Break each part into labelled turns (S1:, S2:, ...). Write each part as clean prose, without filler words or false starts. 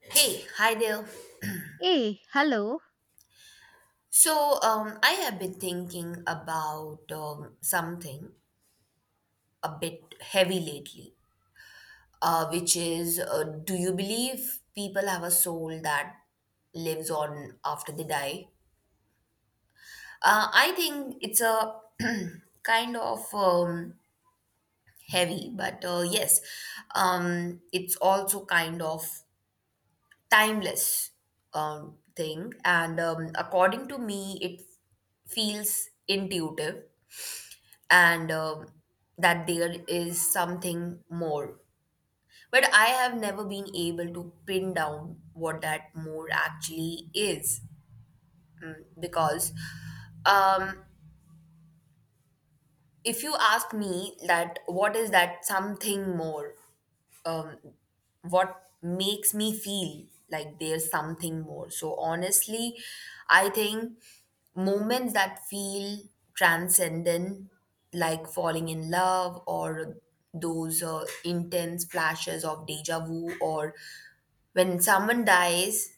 S1: Hey, hi there.
S2: Hey, hello.
S1: So I have been thinking about something a bit heavy lately, which is do you believe people have a soul that lives on after they die? I think it's a kind of heavy, but yes, it's also kind of timeless thing. And according to me, it feels intuitive and that there is something more. But I have never been able to pin down what that more actually is because um, if you ask me that what is that something more um, what makes me feel like there's something more. So honestly, I think moments that feel transcendent, like falling in love or those intense flashes of deja vu, or when someone dies,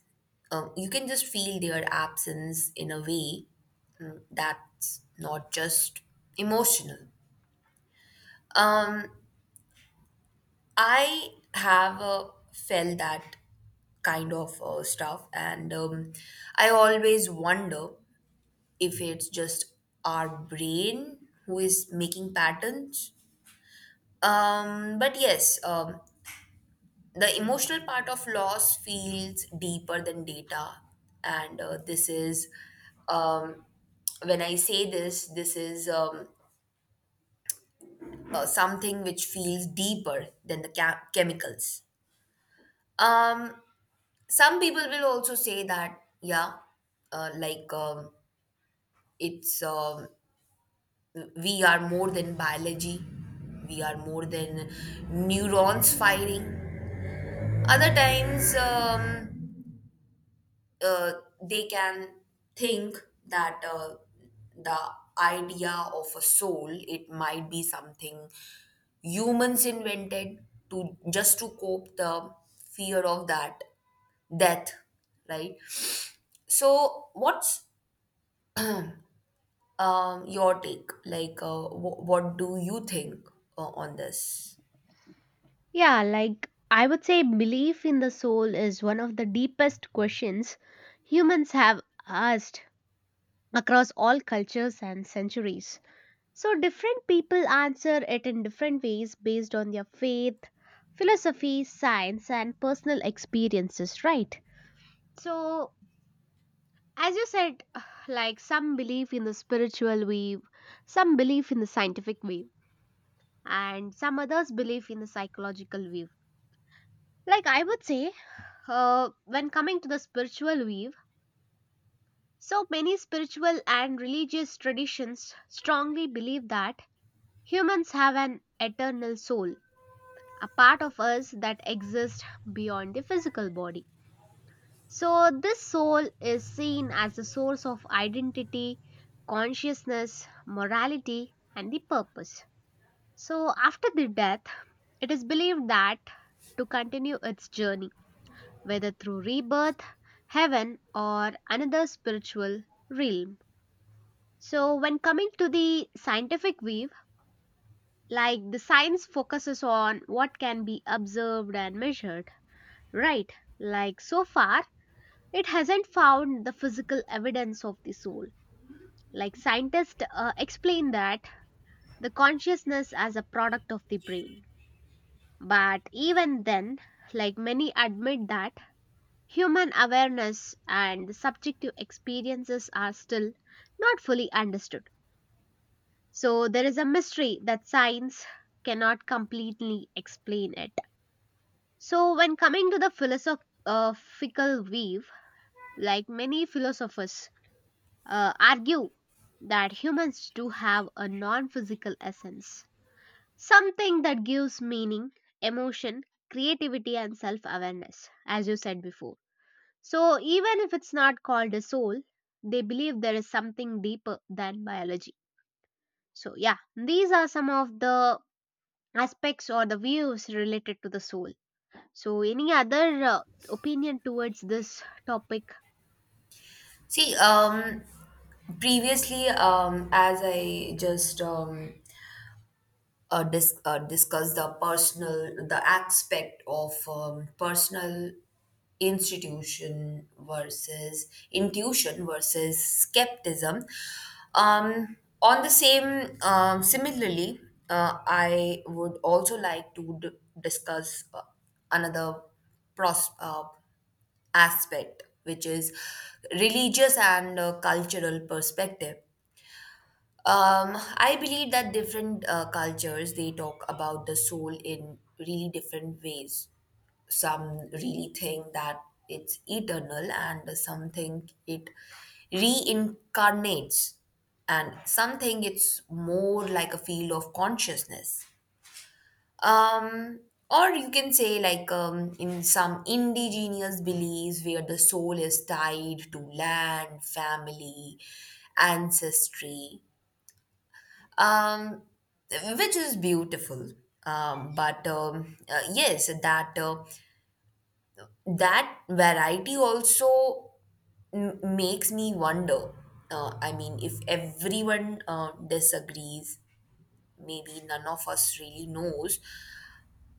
S1: you can just feel their absence in a way that's not just emotional. Um, I have felt that kind of stuff, and I always wonder if it's just our brain who is making patterns. But yes, the emotional part of loss feels deeper than data, and this is um, when I say this, this is something which feels deeper than the chemicals. Um, some people will also say that yeah like it's we are more than biology, we are more than neurons firing other times uh, they can think that the idea of a soul, it might be something humans invented to just to cope the fear of that death, right? So what's your take. Like, what do you think on this?
S2: Yeah, like I would say, belief in the soul is one of the deepest questions humans have asked across all cultures and centuries. So, different people answer it in different ways based on their faith, philosophy, science, and personal experiences, right? So, as you said, like some believe in the spiritual wave, some believe in the scientific wave, and some others believe in the psychological wave like I would say When coming to the spiritual weave, so many spiritual and religious traditions strongly believe that humans have an eternal soul, a part of us that exists beyond the physical body. So, this soul is seen as the source of identity, consciousness, morality, and the purpose. So, after the death, it is believed that to continue its journey whether through rebirth, heaven, or another spiritual realm. So, when coming to the scientific weave, like the science focuses on what can be observed and measured, right? Like so far, it hasn't found the physical evidence of the soul. Like scientists explain that the consciousness as a product of the brain. But even then, like many admit that human awareness and the subjective experiences are still not fully understood. So there is a mystery that science cannot completely explain it. So when coming to the philosophical view, like many philosophers argue that humans do have a non-physical essence, something that gives meaning, emotion, creativity and self-awareness as you said before. So, even if it's not called a soul, they believe there is something deeper than biology. So, yeah, these are some of the aspects or the views related to the soul. So, any other opinion towards this topic?
S1: See, previously, as I just discuss the personal the aspect of personal institution versus intuition versus skepticism on the same similarly I would also like to discuss another pros- uh, aspect, which is religious and cultural perspective. I believe that different cultures they talk about the soul in really different ways. Some really think that it's eternal, and some think it reincarnates, and some think it's more like a field of consciousness. Um, or you can say like in some indigenous beliefs where the soul is tied to land, family, ancestry, um, which is beautiful. But Yes, that that variety also makes me wonder. I mean, if everyone disagrees, maybe none of us really knows.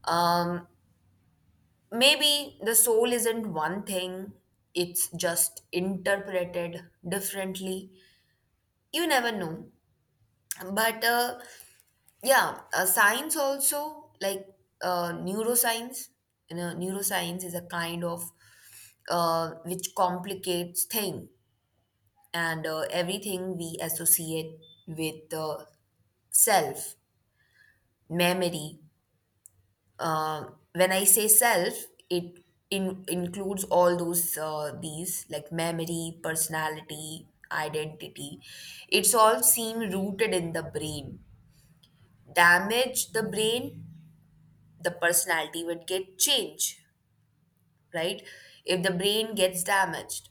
S1: Um, Maybe the soul isn't one thing; it's just interpreted differently. You never know. But yeah, science also, like neuroscience, you know, neuroscience is a kind of which complicates thing, and everything we associate with self, memory. Uh, when I say self, it includes all those these like memory, personality, identity. It's all seem rooted in the brain. Damage the brain, the personality would get change, right? If the brain gets damaged,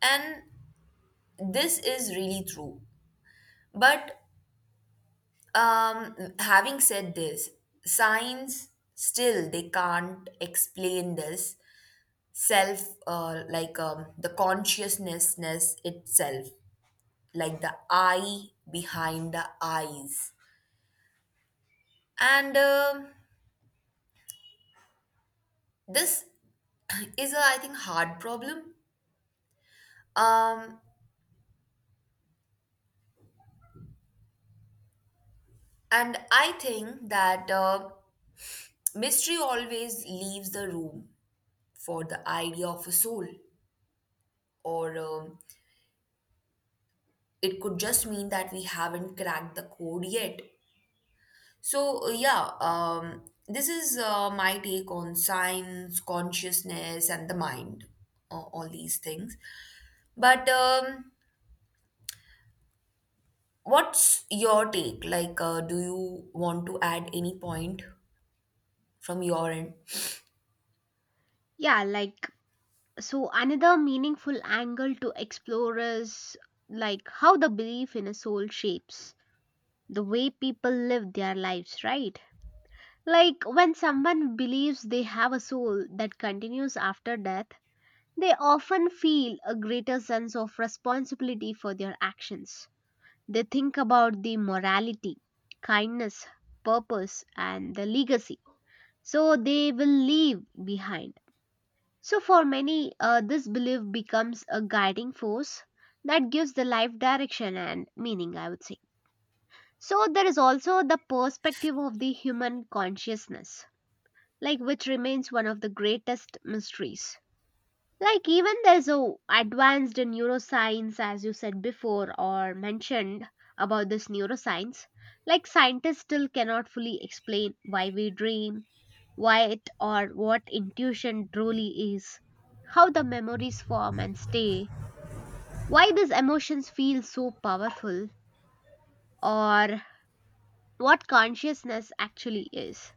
S1: and this is really true, but having said this, science still they can't explain this self, the consciousnessness itself, like the eye behind the eyes, and this is a, I think, hard problem. um And I think that mystery always leaves the room for the idea of a soul, or it could just mean that we haven't cracked the code yet. So, yeah, this is my take on science, consciousness, and the mind, all these things. But what's your take? Like, do you want to add any point from your end?
S2: Yeah, like, so another meaningful angle to explore is like how the belief in a soul shapes the way people live their lives, right? Like, when someone believes they have a soul that continues after death, they often feel a greater sense of responsibility for their actions. They think about the morality, kindness, purpose, and the legacy. So they will leave behind. So, for many, this belief becomes a guiding force that gives the life direction and meaning, I would say. So, there is also the perspective of the human consciousness, like which remains one of the greatest mysteries. Like even there's a advanced neuroscience as you said before or mentioned about this neuroscience. Like scientists still cannot fully explain why we dream, why it or what intuition truly is, how the memories form and stay, why these emotions feel so powerful, or what consciousness actually is.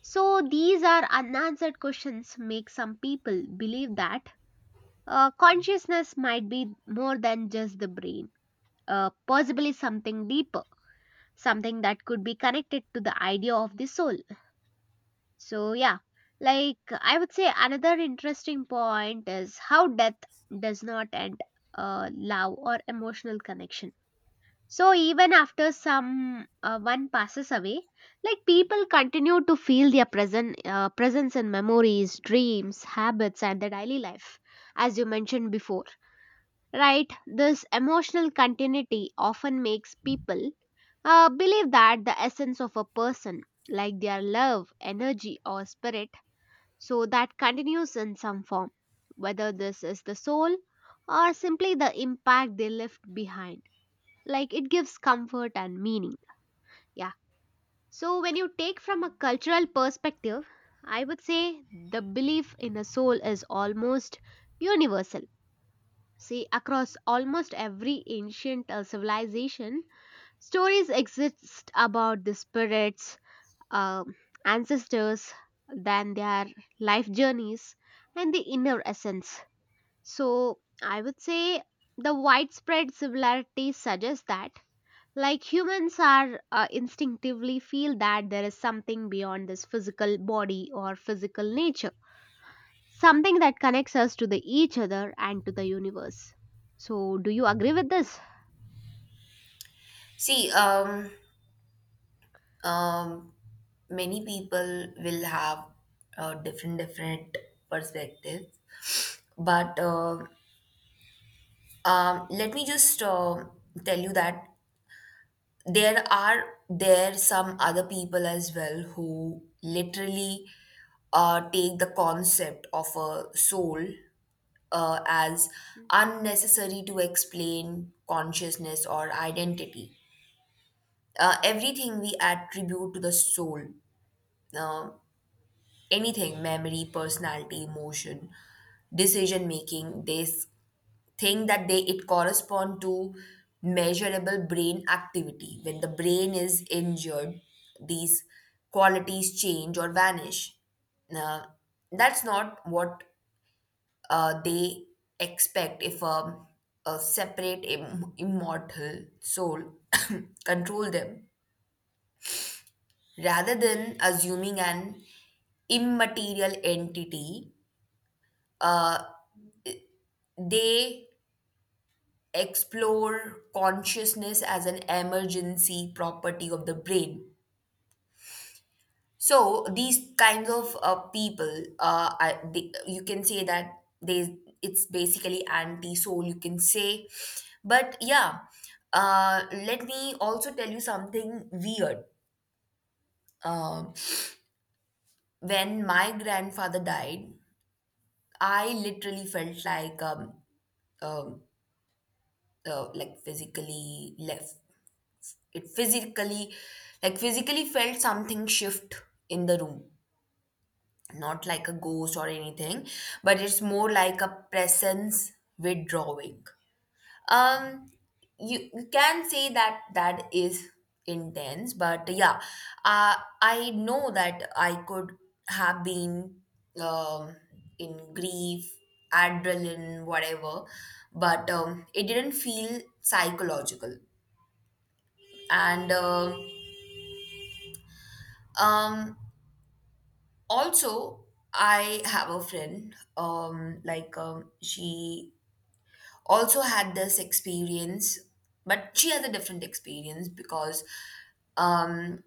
S2: So these are unanswered questions make some people believe that consciousness might be more than just the brain, possibly something deeper, something that could be connected to the idea of the soul. So, yeah, like I would say, another interesting point is how death does not end love or emotional connection. So, even after some one passes away, like people continue to feel their present presence in memories, dreams, habits, and their daily life, as you mentioned before. Right, this emotional continuity often makes people believe that the essence of a person, like their love, energy, or spirit, so that continues in some form, whether this is the soul or simply the impact they left behind. Like it gives comfort and meaning. Yeah. So when you take from a cultural perspective, I would say the belief in a soul is almost universal. See, across almost every ancient civilization, stories exist about the spirits, uh, ancestors, then their life journeys, and the inner essence. So, I would say the widespread similarity suggests that, like humans, are instinctively feel that there is something beyond this physical body or physical nature, something that connects us to the each other and to the universe. So, do you agree with this?
S1: See, um, many people will have different different perspectives, but let me just tell you that there are there some other people as well who literally take the concept of a soul as
S2: Mm.
S1: unnecessary to explain consciousness or identity, everything we attribute to the soul. Uh, Anything memory, personality, emotion, decision making, they think that they it correspond to measurable brain activity. When the brain is injured, these qualities change or vanish. Now, that's not what they expect if a, a separate immortal soul control them. Rather than assuming an immaterial entity, uh, they explore consciousness as an emergency property of the brain. So these kinds of people, you can say that they, it's basically anti-soul. You can say, but yeah, let me also tell you something weird. Um, when my grandfather died, I literally felt um, like physically left. It physically, like physically felt something shift in the room. Not like a ghost or anything, but it's more like a presence withdrawing. Um, you, you can say that that is intense, but yeah, uh, I know that I could have been um, in grief, adrenaline, whatever, but it didn't feel psychological. And um, also, I have a friend, she also had this experience, but she has a different experience because um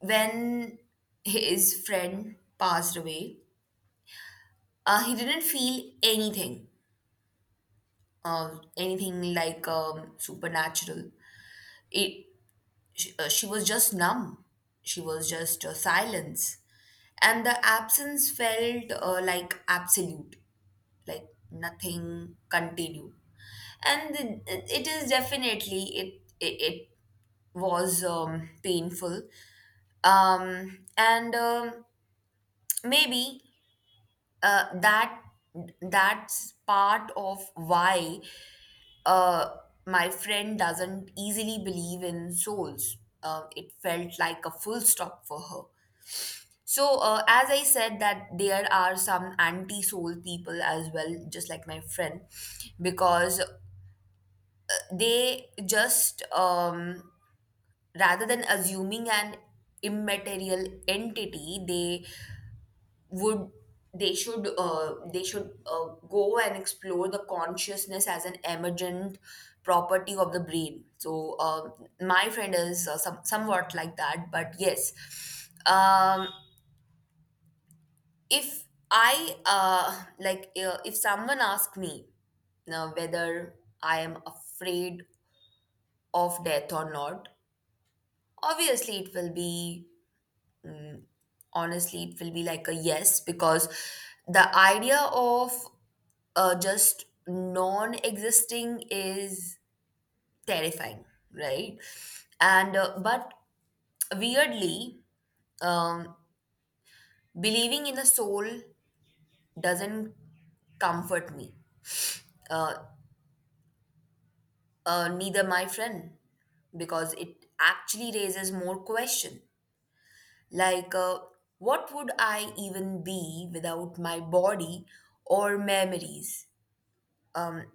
S1: when his friend passed away, he didn't feel anything, anything like supernatural. It, she was just numb, she was just silence, and the absence felt like absolute, like nothing continued. And it is definitely it was painful, and maybe that that's part of why uh, my friend doesn't easily believe in souls. It felt like a full stop for her. So as I said, that there are some anti soul people as well, just like my friend, because they just rather than assuming an immaterial entity, they would, they should go and explore the consciousness as an emergent property of the brain. So my friend is somewhat like that, but yes, um, if I like if someone asks me now whether I am afraid of death or not, obviously it will be, honestly it will be like a yes, because the idea of just non existing is terrifying, right? And but weirdly, um, believing in a soul doesn't comfort me, uh, neither my friend, because it actually raises more question, like what would I even be without my body or memories? um,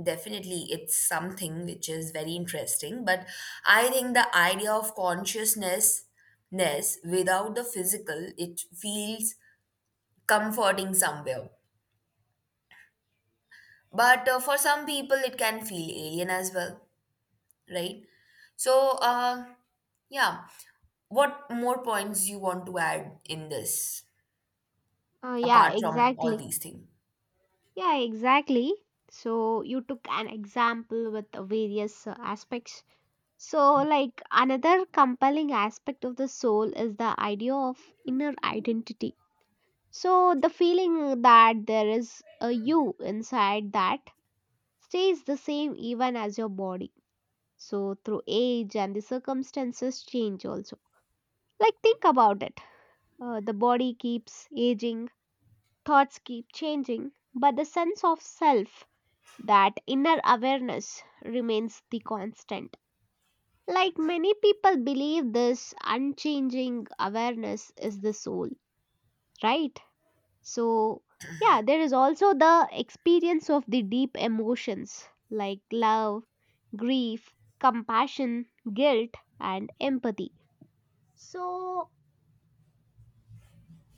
S1: Definitely, it's something which is very interesting, but I think the idea of consciousness ness without the physical, it feels comforting somewhere, but for some people it can feel alien as well, right? So yeah, what more points you want to add in this
S2: Yeah,
S1: apart from all
S2: exactly.
S1: these things?
S2: Yeah, exactly. So you took an example with the various aspects. So, like another compelling aspect of the soul is the idea of inner identity. So the feeling that there is a you inside that stays the same even as your body. So through age and the circumstances change also. Like think about it. The body keeps aging, thoughts keep changing, but the sense of self, that inner awareness remains the constant. Like many people believe this unchanging awareness is the soul, right? So, yeah, there is also the experience of the deep emotions like love, grief, compassion, guilt, and empathy. So,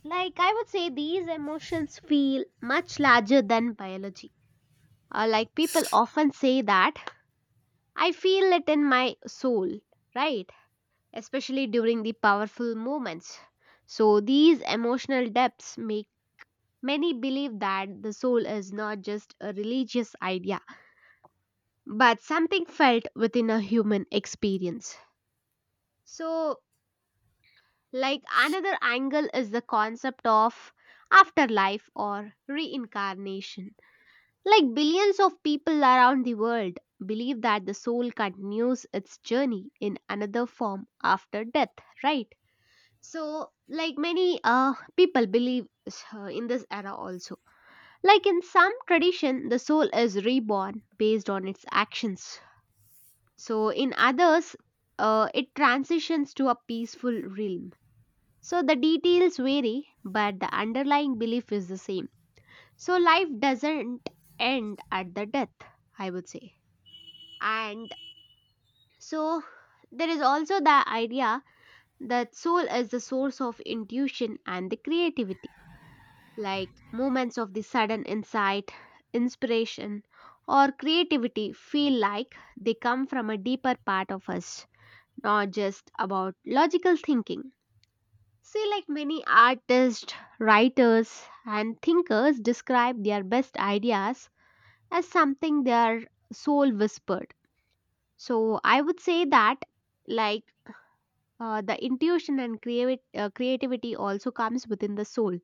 S2: like I would say, these emotions feel much larger than biology. Like people often say that I feel it in my soul, right? Especially during the powerful moments. So, these emotional depths make many believe that the soul is not just a religious idea but something felt within a human experience. So, like another angle is the concept of afterlife or reincarnation. Like billions of people around the world believe that the soul continues its journey in another form after death, right? So, like many people believe in this era also. Like in some tradition, the soul is reborn based on its actions. So in others, it transitions to a peaceful realm. So the details vary, but the underlying belief is the same. So life doesn't end at the death, I would say. And so there is also the idea that soul is the source of intuition and the creativity, like moments of the sudden insight, inspiration, or creativity feel like they come from a deeper part of us, not just about logical thinking. See, like many artists, writers, and thinkers describe their best ideas as something their soul whispered. So, I would say that, like, the intuition and creativity also comes within the soul.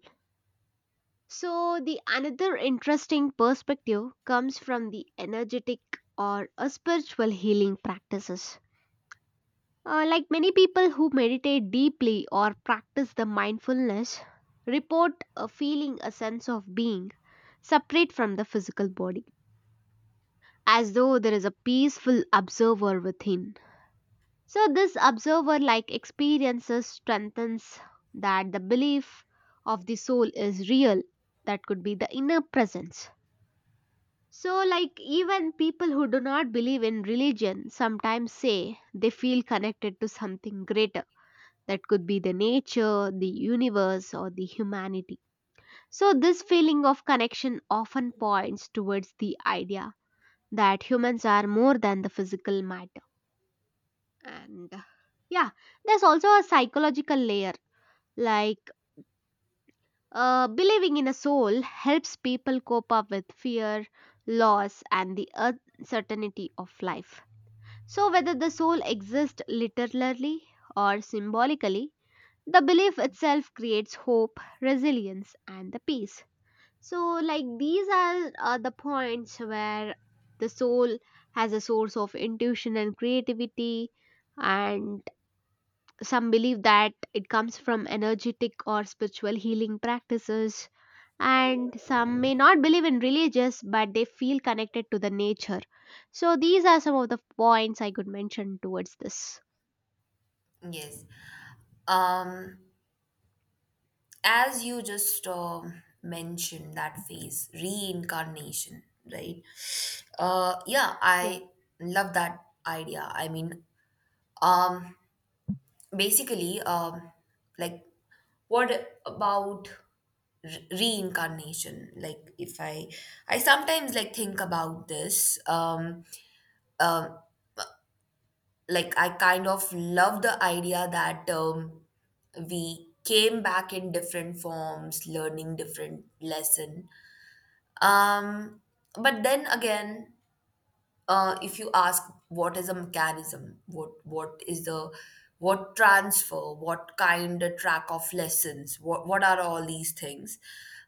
S2: So, the another interesting perspective comes from the energetic or a spiritual healing practices. Like many people who meditate deeply or practice the mindfulness, report a feeling a sense of being separate from the physical body, as though there is a peaceful observer within. So, this observer like experiences strengthens that the belief of the soul is real, that could be the inner presence. So, like even people who do not believe in religion sometimes say they feel connected to something greater that could be the nature, the universe, or the humanity. So, this feeling of connection often points towards the idea that humans are more than the physical matter. And yeah, there's also a psychological layer like believing in a soul helps people cope up with fear, loss, and the uncertainty of life. So, whether the soul exists literally or symbolically, the belief itself creates hope, resilience, and the peace. So, like these are the points where the soul has a source of intuition and creativity, and some believe that it comes from energetic or spiritual healing practices. And some may not believe in religious, but they feel connected to the nature. So, these are some of the points I could mention towards this.
S1: Yes, um as you just mentioned that phase reincarnation, right? uh yeah
S2: Yeah.
S1: i love that idea. I mean, um basically like what about reincarnation? Like if I sometimes like think about this, um like I kind of love the idea that we came back in different forms learning different lesson. Um, but then again, if you ask what is a mechanism, what is the what transfer, what kind of track of lessons, what are all these things?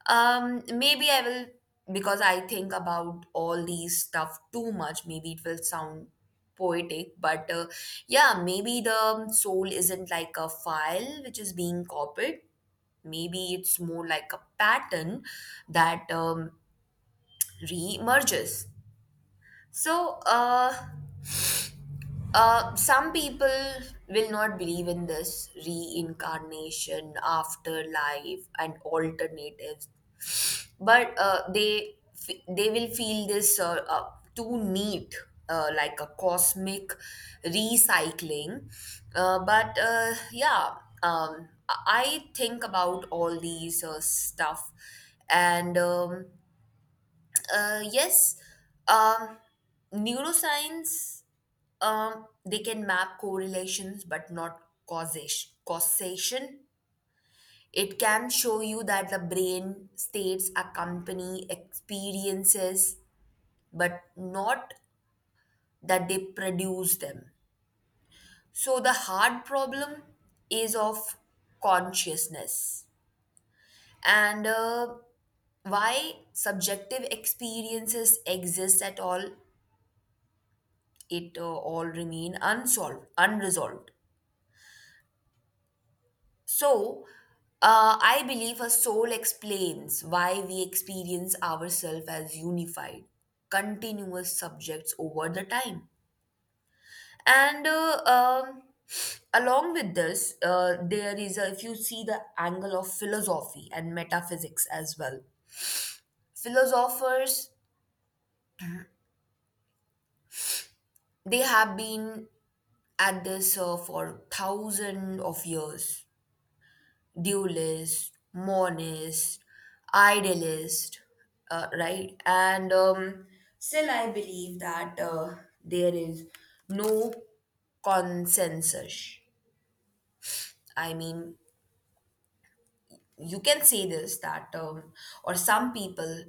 S1: Maybe I will, because I think about all these stuff too much. Maybe it will sound poetic, but yeah, maybe the soul isn't like a file which is being copied, maybe it's more like a pattern that re-emerges. So, some people will not believe in this reincarnation, afterlife, and alternatives, but they will feel this too neat, like a cosmic recycling. But yeah, I think about all these stuff, and. Yes, um, neuroscience they can map correlations but not causation. Causation, it can show you that the brain states accompany experiences but not that they produce them. So the hard problem is of consciousness, and why subjective experiences exist at all, it all remain unsolved, unresolved. So, I believe a soul explains why we experience ourselves as unified, continuous subjects over the time. And along with this, there is, a, if you see the angle of philosophy and metaphysics as well, philosophers, they have been at this for thousands of years, dualist, monist, idealist, right? And still, I believe that there is no consensus. I mean, you can say this that, or some people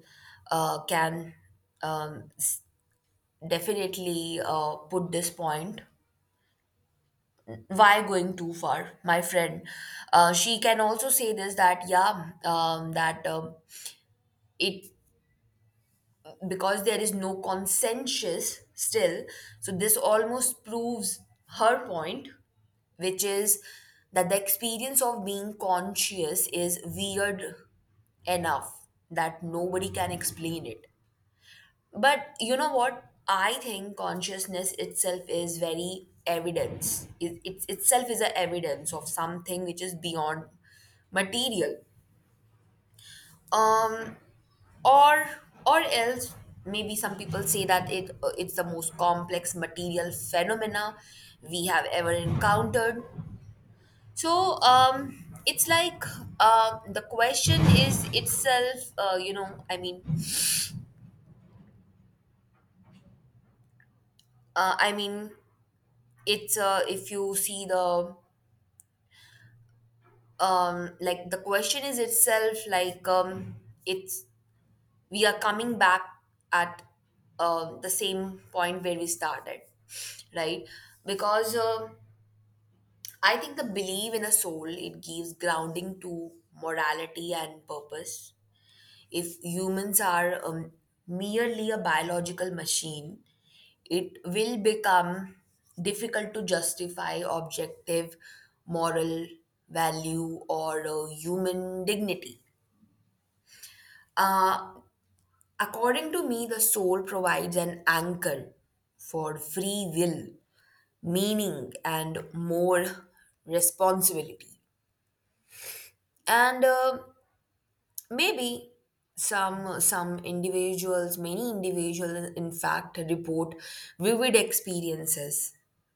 S1: can um, s- definitely put this point why going too far my friend, she can also say this that yeah, that it, because there is no consensus still, so this almost proves her point, which is that the experience of being conscious is weird enough that nobody can explain it. But you know what, I think consciousness itself is very evidence, it itself is a evidence of something which is beyond material. um or or else, maybe some people say that it's the most complex material phenomena we have ever encountered. so um it's like, the question is itself, uh, i mean it's, if you see the, like the question is itself, it's, we are coming back at the same point where we started, right? because I think the belief in a soul, it gives grounding to morality and purpose. If humans are merely a biological machine, it will become difficult to justify objective moral value or human dignity. Uh, According to me, the soul provides an anchor for free will, meaning, and more responsibility. And Maybe some individuals, many individuals in fact, report vivid experiences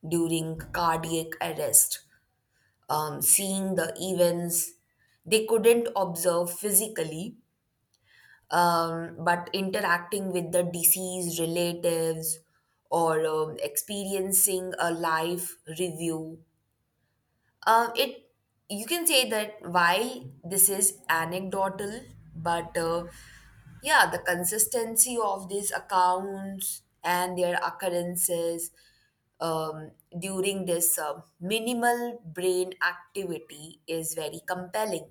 S1: during cardiac arrest, seeing the events they couldn't observe physically, but interacting with the deceased relatives, or experiencing a live review. It You can say that while this is anecdotal, but yeah, the consistency of these accounts and their occurrences um, during this minimal brain activity is very compelling.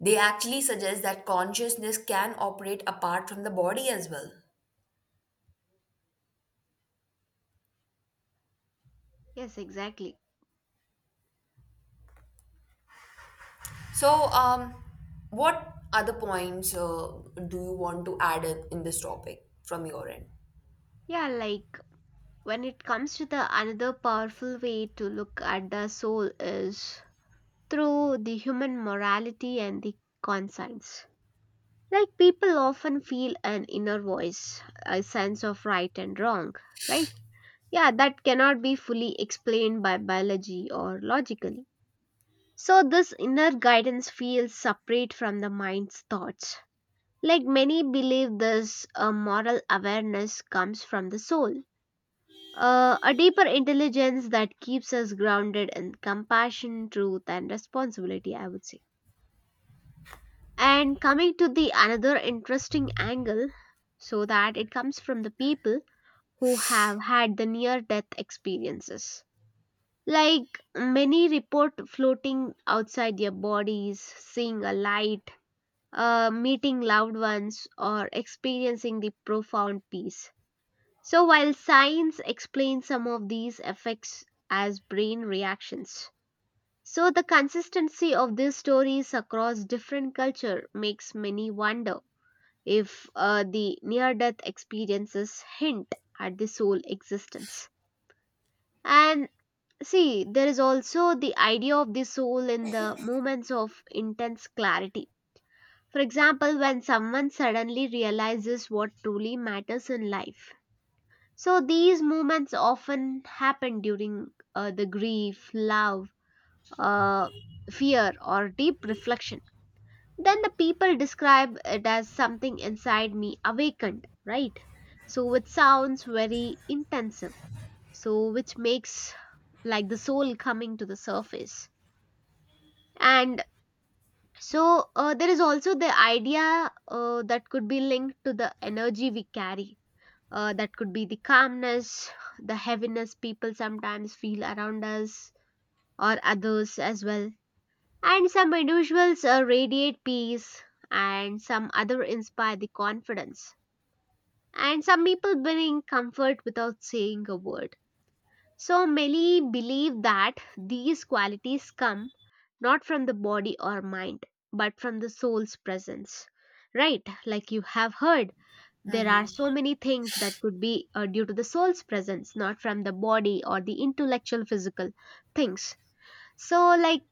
S1: They actually suggest that consciousness can operate apart from the body as well.
S2: Yes, exactly.
S1: So, what other points do you want to add in this topic from your end?
S2: Yeah, like when it comes to the another powerful way to look at the soul is through the human morality and the conscience. Like people often feel an inner voice, a sense of right and wrong, right? Yeah, that cannot be fully explained by biology or logically. So this inner guidance feels separate from the mind's thoughts. Like many believe this moral awareness comes from the soul. A deeper intelligence that keeps us grounded in compassion, truth, and responsibility, I would say. And coming to the another interesting angle, so that it comes from the people who have had the near death experiences. Like many report floating outside their bodies, seeing a light, meeting loved ones, or experiencing the profound peace. So, while science explains some of these effects as brain reactions, so the consistency of these stories across different culture makes many wonder if the near death experiences hint at the soul existence. And see, there is also the idea of the soul in the moments of intense clarity. For example, when someone suddenly realizes what truly matters in life. So these movements often happen during the grief, love, uh, fear, or deep reflection. Then the people describe it as something inside me awakened, right? So it sounds very intensive. So which makes like the soul coming to the surface. And so there is also the idea that could be linked to the energy we carry. That could be the calmness, the heaviness people sometimes feel around us or others as well. And some individuals radiate peace, and some other inspire the confidence. And some people bring comfort without saying a word. So many believe that these qualities come not from the body or mind, but from the soul's presence. Right, like you have heard there are so many things that could be due to the soul's presence, not from the body or the intellectual physical things. So, like,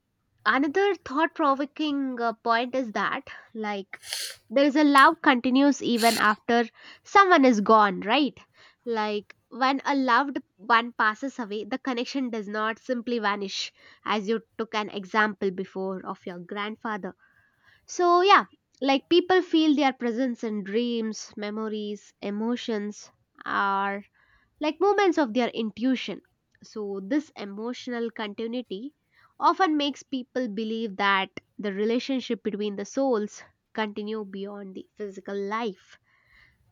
S2: another thought provoking point is that, like, there is a love continues even after someone is gone, right? Like, when a loved one passes away, the connection does not simply vanish, as you took an example before of your grandfather. So, yeah, like people feel their presence in dreams, memories, emotions are like moments of their intuition. So, this emotional continuity often makes people believe that the relationship between the souls continue beyond the physical life.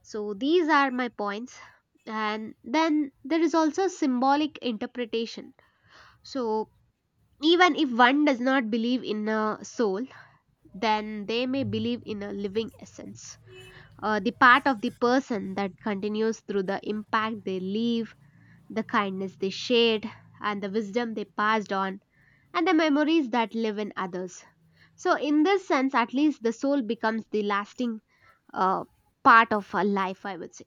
S2: So, these are my points. And then there is also symbolic interpretation. So, even if one does not believe in a soul, then they may believe in a living essence, the part of the person that continues through the impact they leave, the kindness they shared, and the wisdom they passed on, and the memories that live in others. So, in this sense, at least the soul becomes the lasting uh, part of a life, I would say.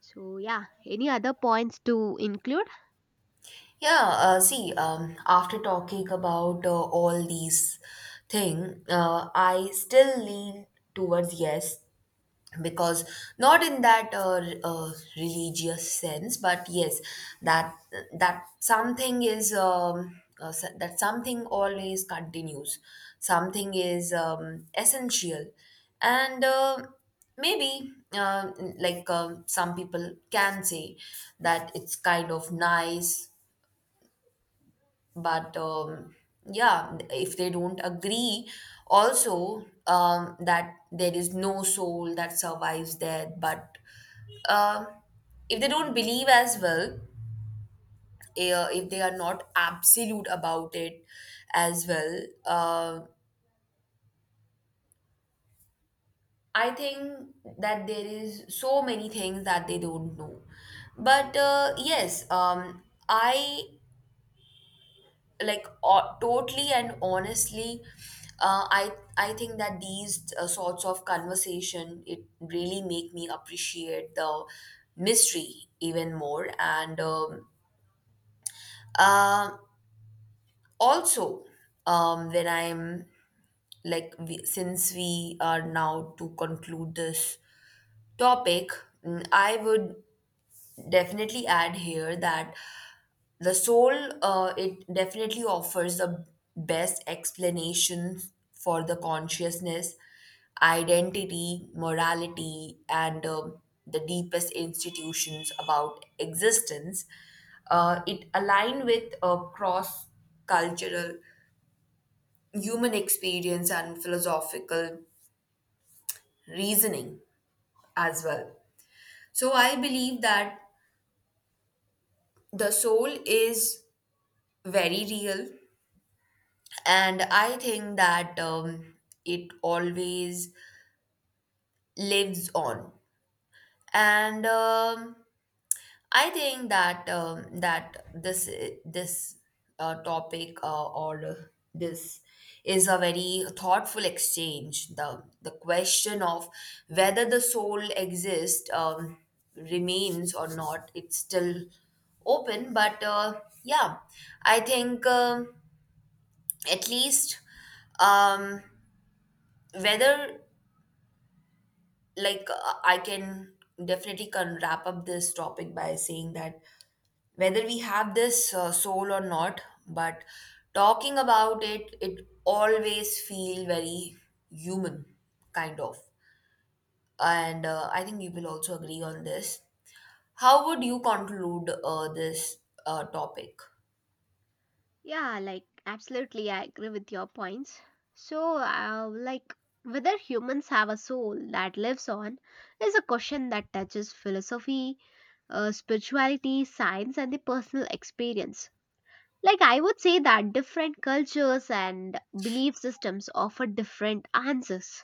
S2: So, yeah, any other points to include?
S1: Yeah, see, after talking about all these thing, I still lean towards yes, because not in that religious sense, but yes, that that something is, that something always continues. Something is essential, and maybe, some people can say that it's kind of nice. But yeah, if they don't agree also, that there is no soul that survives death. But um if they don't believe as well, if they are not absolute about it as well, uh, I think that there is so many things that they don't know. But yes, I, like, totally and honestly, I think that these sorts of conversation, it really make me appreciate the mystery even more. And um, uh, also, when I'm, like, since we are now to conclude this topic, I would definitely add here that the soul, it definitely offers the best explanation for the consciousness, identity, morality, and the deepest institutions about existence. It align with a cross cultural human experience and philosophical reasoning as well. So I believe that the soul is very real, and I think that it always lives on. And I think that that this topic or this is a very thoughtful exchange. The question of whether the soul exists, remains or not, it's still open. But yeah, I think, at least, um, whether, I can definitely can wrap up this topic by saying that whether we have this soul or not, but talking about it, it always feel very human, kind of. And I think you will also agree on this. How would you conclude this topic?
S2: Yeah, like absolutely, I agree with your points. So, like whether humans have a soul that lives on is a question that touches philosophy, spirituality, science, and the personal experience. Like, I would say that different cultures and belief systems offer different answers.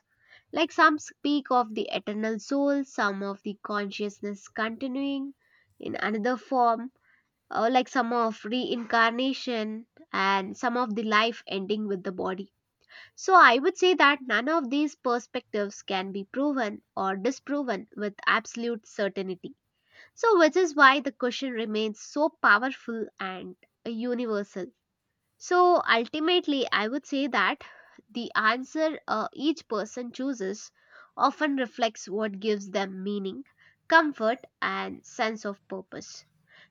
S2: Like, some speak of the eternal soul, some of the consciousness continuing in another form, like some of reincarnation and some of the life ending with the body. So I would say that none of these perspectives can be proven or disproven with absolute certainty. So, which is why the question remains so powerful and universal. So ultimately, I would say that the answer each person chooses often reflects what gives them meaning, comfort, and sense of purpose.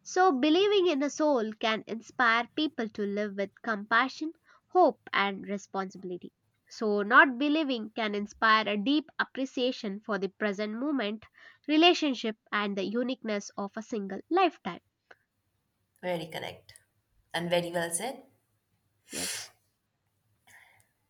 S2: So, believing in a soul can inspire people to live with compassion, hope, and responsibility. So, not believing can inspire a deep appreciation for the present moment, relationship, and the uniqueness of a single lifetime.
S1: Very correct and very well said.
S2: Yes.